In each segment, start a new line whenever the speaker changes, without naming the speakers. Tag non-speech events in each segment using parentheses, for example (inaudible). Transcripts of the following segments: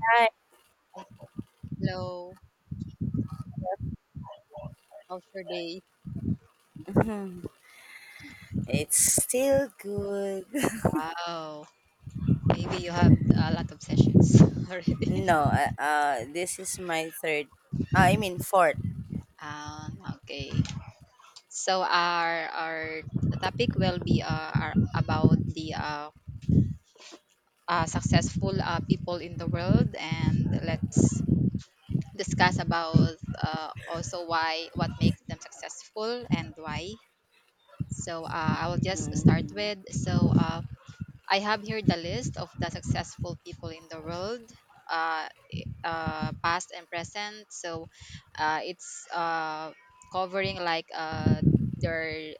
Hi.
Hello, how's your day?
It's still good. (laughs)
Wow, maybe you have a lot of sessions (laughs) already.
No, this is my third. I mean fourth.
Okay. So our topic will be are about the successful people in the world, and let's discuss about also why what makes them successful and why. So I will just start
Mm-hmm.
with I have here the list of the successful people in the world. Uh, Past and present. So it's covering like their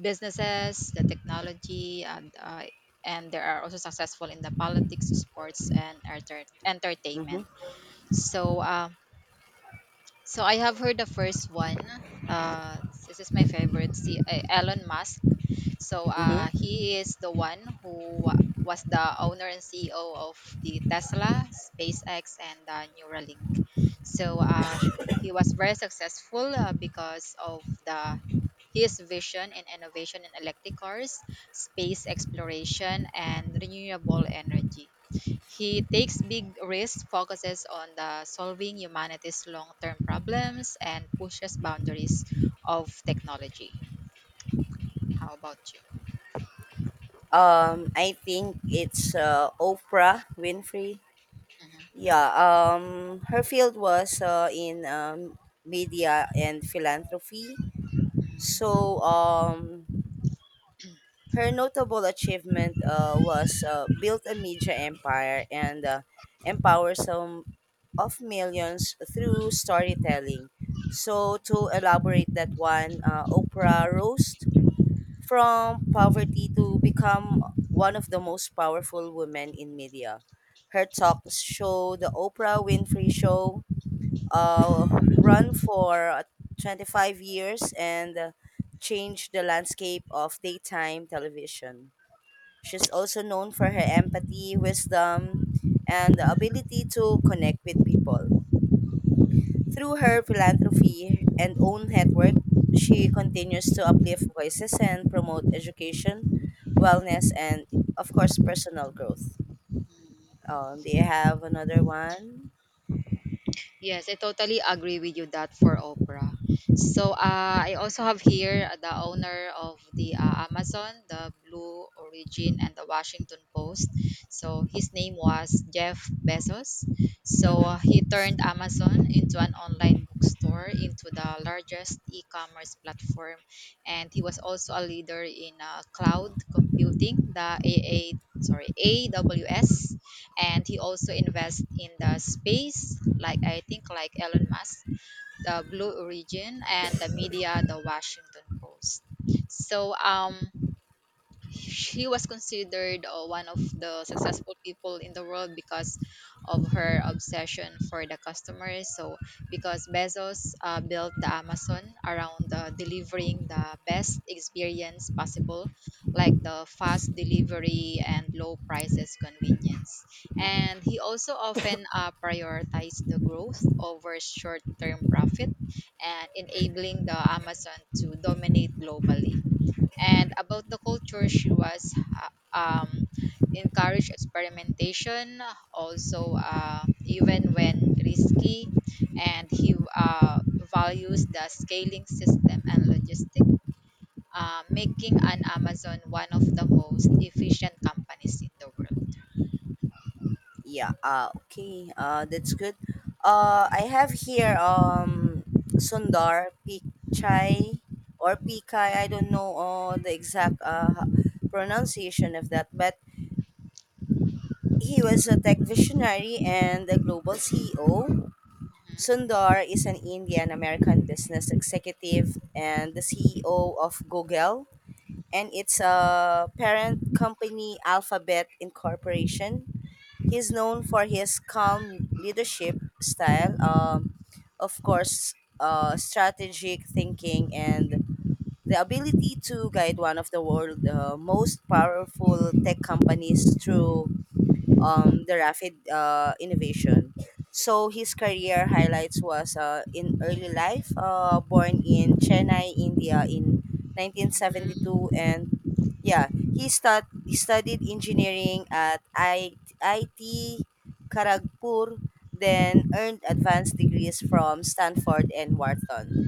businesses, the technology, and and they are also successful in the politics, sports, and entertainment.
Mm-hmm.
So so I have heard the first one. Uh, this is my favorite. See, Elon Musk. So
Mm-hmm.
he is the one who was the owner and CEO of the Tesla, SpaceX, and Neuralink. So he was very successful because of the his vision and innovation in electric cars, space exploration, and renewable energy. He takes big risks, focuses on the solving humanity's long-term problems, and pushes boundaries of technology. How about you?
I think it's Oprah Winfrey.
Mm-hmm.
Yeah. Her field was in media and philanthropy. So um, her notable achievement was built a media empire and empower some of millions through storytelling. So, to elaborate that one, Oprah rose from poverty to become one of the most powerful women in media. Her talk show, The Oprah Winfrey Show, uh, run for 25 years and changed the landscape of daytime television. She's also known for her empathy, wisdom, and the ability to connect with people. Through her philanthropy and own network, she continues to uplift voices and promote education, wellness, and of course, personal growth. Do you have another one?
Yes, I totally agree with you that for Oprah. So I also have here the owner of the Amazon, the Blue Origin, and the Washington Post. So his name was Jeff Bezos. So
Mm-hmm.
he turned Amazon into an online bookstore into the largest e-commerce platform, and he was also a leader in cloud computing, the sorry, AWS, and he also invests in the space like I think like Elon Musk, the Blue Origin, and the media, the Washington Post. So she was considered one of the successful people in the world because of her obsession for the customers. So, because Bezos built the Amazon around delivering the best experience possible, like the fast delivery and low prices convenience.
Mm-hmm.
And he also often prioritized the growth over short term profit and enabling the Amazon to dominate globally. And about the culture, she was encouraged experimentation also even when risky, and he values the scaling system and logistic, making an Amazon one of the most efficient companies in the world.
Yeah. Okay. That's good. I have here Sundar Pichai or Pichai. I
Mhm.
don't know the exact pronunciation of that, but he was a tech visionary and a global CEO. Sundar is an Indian American business executive and the CEO of Google, and its a parent company, Alphabet Incorporation. He's known for his calm leadership style, of course, strategic thinking, and the ability to guide one of the world's most powerful tech companies through the rapid innovation. So his career highlights was in early life, born in Chennai, India in
Mhm.
1972, and yeah, he studied engineering at IT Karagpur, then earned advanced degrees from Stanford and Wharton.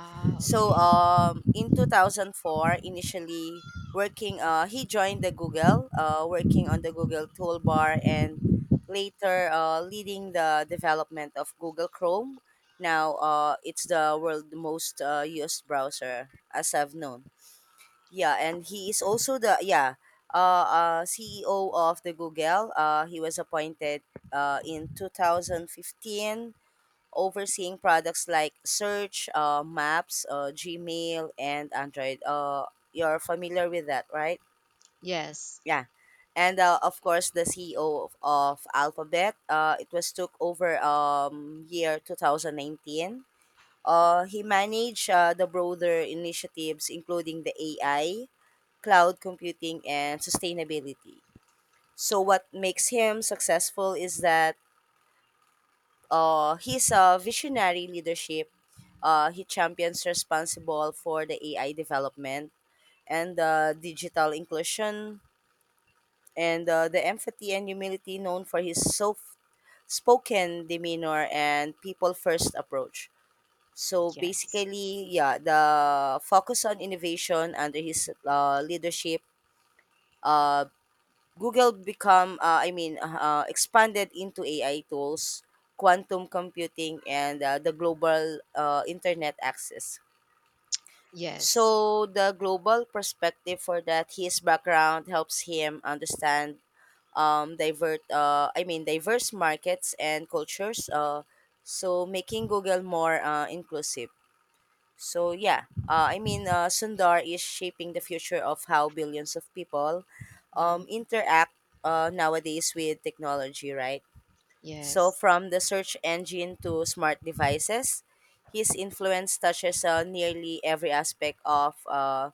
Ah,
So,
okay.
in 2004, initially working, he joined the Google, working on the Google toolbar and later leading the development of Google Chrome. Now, it's the world most used browser as I've known. Yeah, and he is also the CEO of the Google. He was appointed in 2015, overseeing products like search, maps, Gmail, and Android. You're familiar with that, right?
Yes.
Yeah. And of course, the CEO of Alphabet, it was took over year 2019. He managed the broader initiatives, including the AI, cloud computing, and sustainability. So what makes him successful is that his visionary leadership, he champions responsible for the AI development and digital inclusion and the empathy and humility known for his soft spoken demeanor and people first approach. So
Yes.
basically, yeah, the focus on innovation under his leadership, uh, Google become, I mean, expanded into AI tools, quantum computing, and the global internet access. So
Yes.
the global perspective for that, his background helps him understand diverse markets and cultures. So making Google more inclusive. So Sundar is shaping the future of how billions of people
Mhm.
interact nowadays with technology, right? So
Yes.
from the search engine to smart devices, his influence touches nearly every aspect of,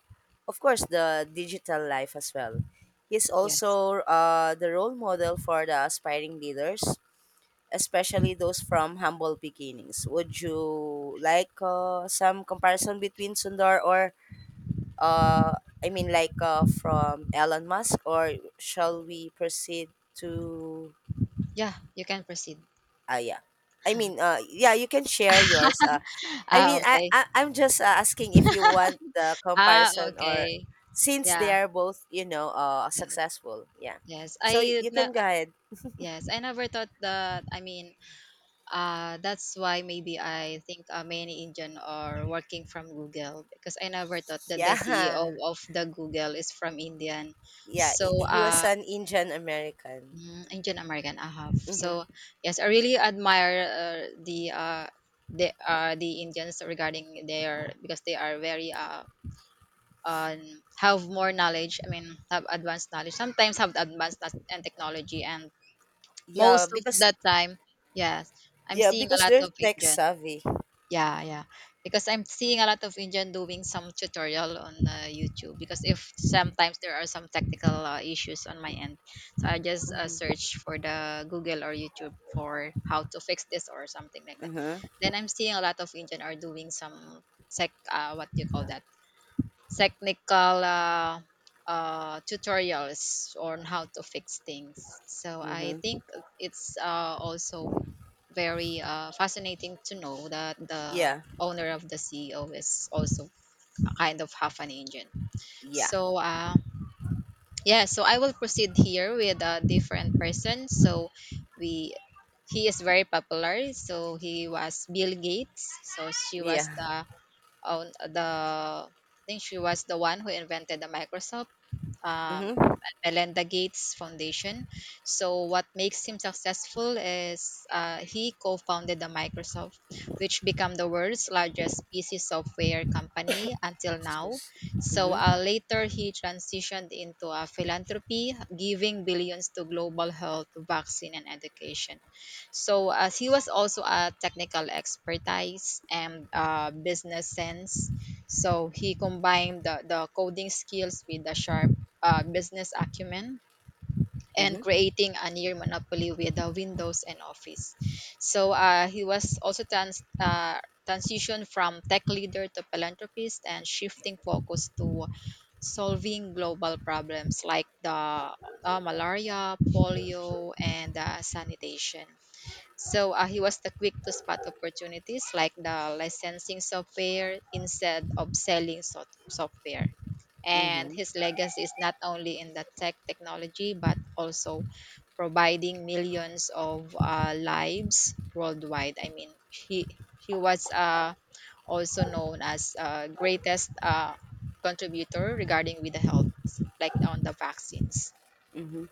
of course, the digital life as well. He's
Yes.
also the role model for the aspiring leaders, especially those from humble beginnings. Would you like some comparison between Sundar or uh, from Elon Musk, or shall we proceed to?
Yeah, you can proceed.
ah yeah. I mean you can share yours. I
Ah,
mean
okay.
I'm just asking if you want the
Ah,
comparison, or
okay.
since they
Yeah.
are both, you know,
Yes.
successful. Yeah.
Yes.
So
I
you can
ne-
go ahead.
Yes, I never thought that, I mean, that's why maybe I think many Indian are working from Google because I never thought that the CEO
Yeah.
of
(laughs)
the Google is from Indian.
Yeah,
So,
he was an Indian American.
Indian American I have.
Mhm.
So, yes, I really admire the Indians regarding their because they are very um, have more knowledge. I mean, have advanced knowledge. Sometimes have advanced and technology and
Yeah,
most of
because
that time, yes. I'm
yeah,
seeing a
because
lot
they're
of
tech
Indian.
savvy.
Yeah, yeah. Because I'm seeing a lot of Indian doing some tutorial on YouTube. Because if sometimes there are some technical issues on my end, so I just
Mm-hmm.
search for the Google or YouTube for how to fix this or something like that.
Uh-huh.
Then I'm seeing a lot of Indian are doing some tech. What do you call that? Technical tutorials on how to fix things. So I
Mm-hmm.
think it's also very fascinating to know that the
Yeah.
owner of the CEO is also kind of half an engine.
Yeah.
So yeah, so I will proceed here with a different person. So we he is very popular. So he was Bill Gates. So she was
Yeah.
the own the I think she was the one who invented the Microsoft, um,
Mm-hmm.
Melinda Gates Foundation. So, what makes him successful is he co founded the Microsoft, which became the world's largest PC software company until now.
Excuse.
So,
Mm-hmm.
later he transitioned into a philanthropy, giving billions to global health, vaccine, and education. So, as he was also a technical expertise and business sense, so he combined the coding skills with the sharp business acumen and
Mm-hmm.
creating a near monopoly with Windows and Office. So he was also transitioned from tech leader to philanthropist and shifting focus to solving global problems like the malaria, polio, and sanitation. So he was the quick to spot opportunities like the licensing software instead of selling software. And
Mm-hmm.
his legacy is not only in the tech technology but also providing millions of lives worldwide. I mean, he was also known as greatest contributor regarding with the health, like on the vaccines.
Mm-hmm.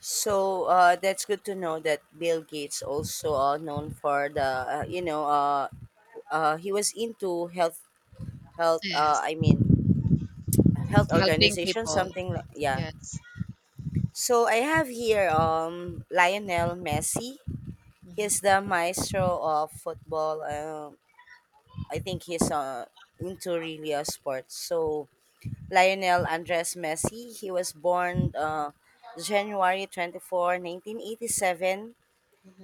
So that's good to know that Bill Gates also known for the he was into health health uh,
Yes,
I mean health
helping
organization
people.
something like, yeah.
Yes.
So I have here Lionel Messi. He's
Mhm.
the maestro of football. I think he's into really sports. So Lionel Andres Messi, he was born January 24, 1987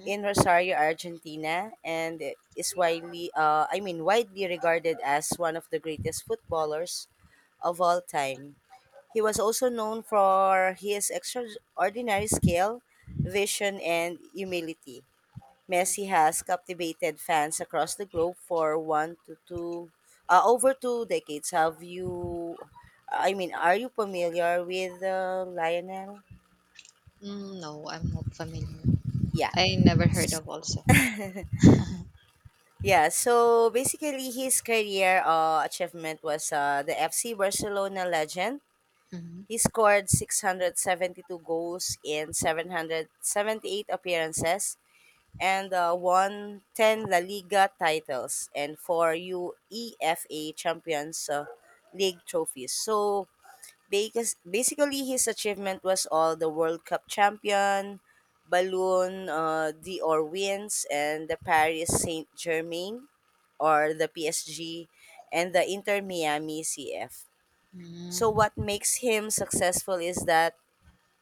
in Rosario, Argentina, and is widely regarded as one of the greatest footballers of all time. He was also known for his extraordinary skill, vision, and humility. Messi has captivated fans across the globe for over two decades. Have you, I mean, are you familiar with Lionel?
Mm, no, I'm not familiar.
Yeah.
I never
(laughs)
heard
S-
of also.
Yeah, so basically his career achievement was the FC Barcelona legend.
Mhm.
He scored 672 goals in 778 appearances and won 10 La Liga titles and 4 UEFA Champions League trophies. So because basically, his achievement was all the World Cup champion, Balloon d'Or wins, and the Paris Saint Germain or the PSG, and the Inter Miami CF. So
Mm,
what makes him successful is that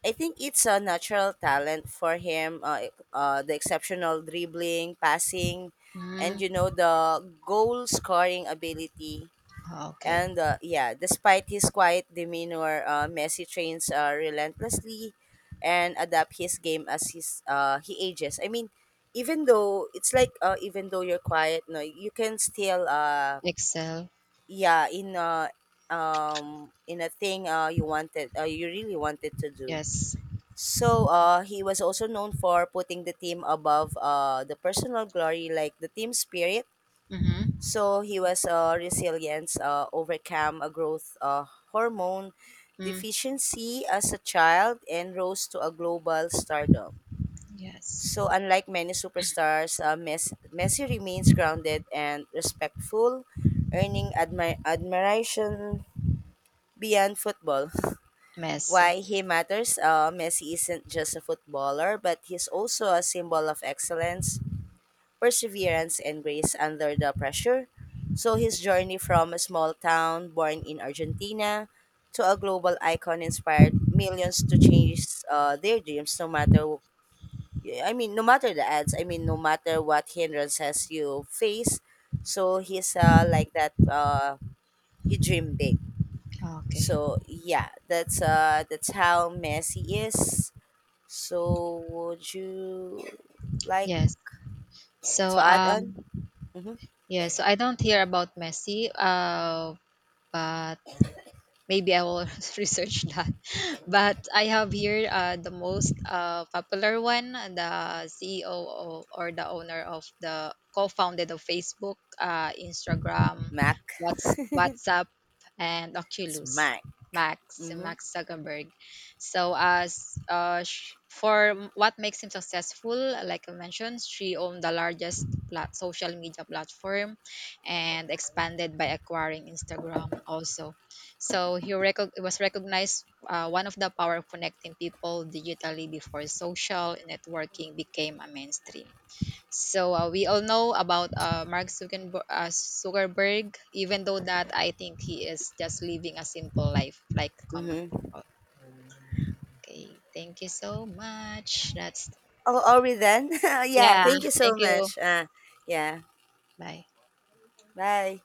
I think it's a natural talent for him. The exceptional dribbling, passing, and you
mm.
know the goal scoring ability.
Okay.
And yeah, despite his quiet demeanor, Messi trains relentlessly and adapt his game as his he ages. I mean, even though it's like even though you're quiet, no, you can still
Excel.
yeah in uh, in a thing you really wanted to do.
Yes.
So he was also known for putting the team above the personal glory, like the team spirit.
Mhm.
So he was resilience, overcome a growth hormone
Mm,
deficiency as a child, and rose to a global stardom.
yes.
So unlike many superstars, Messi remains grounded and respectful, earning admiration beyond football. (laughs) Why
Messi.
he matters, Messi isn't just a footballer, but he's also a symbol of excellence, perseverance, and grace under the pressure. So his journey from a small town born in Argentina to a global icon inspired millions to change their dreams no matter, no matter the ads, I mean no matter what hindrances you face. So he's like that, he dreamed big.
Okay.
So yeah, that's how Messi is. So, would you like
Yes. So
to add on? Mm-hmm.
yeah, so I don't hear about Messi but maybe I will (laughs) research that. But I have here the most popular one, the CEO of, or the owner of the co-founded of Facebook, Instagram,
Mac.
WhatsApp, and
It's
Oculus.
Mac.
Max
Mm-hmm.
Max Zuckerberg. So as for what makes him successful, like I mentioned, she owned the largest social media platform and expanded by acquiring Instagram also. So he was recognized one of the power of connecting people digitally before social networking became a mainstream. So we all know about Mark Zuckerberg, even though that I think he is just living a simple life like common
Mm-hmm.
people. Okay, thank you so much. That's
Oh, are we then? (laughs) Yeah.
yeah.
Thank you so
Thank you.
much. Yeah.
Bye.
Bye.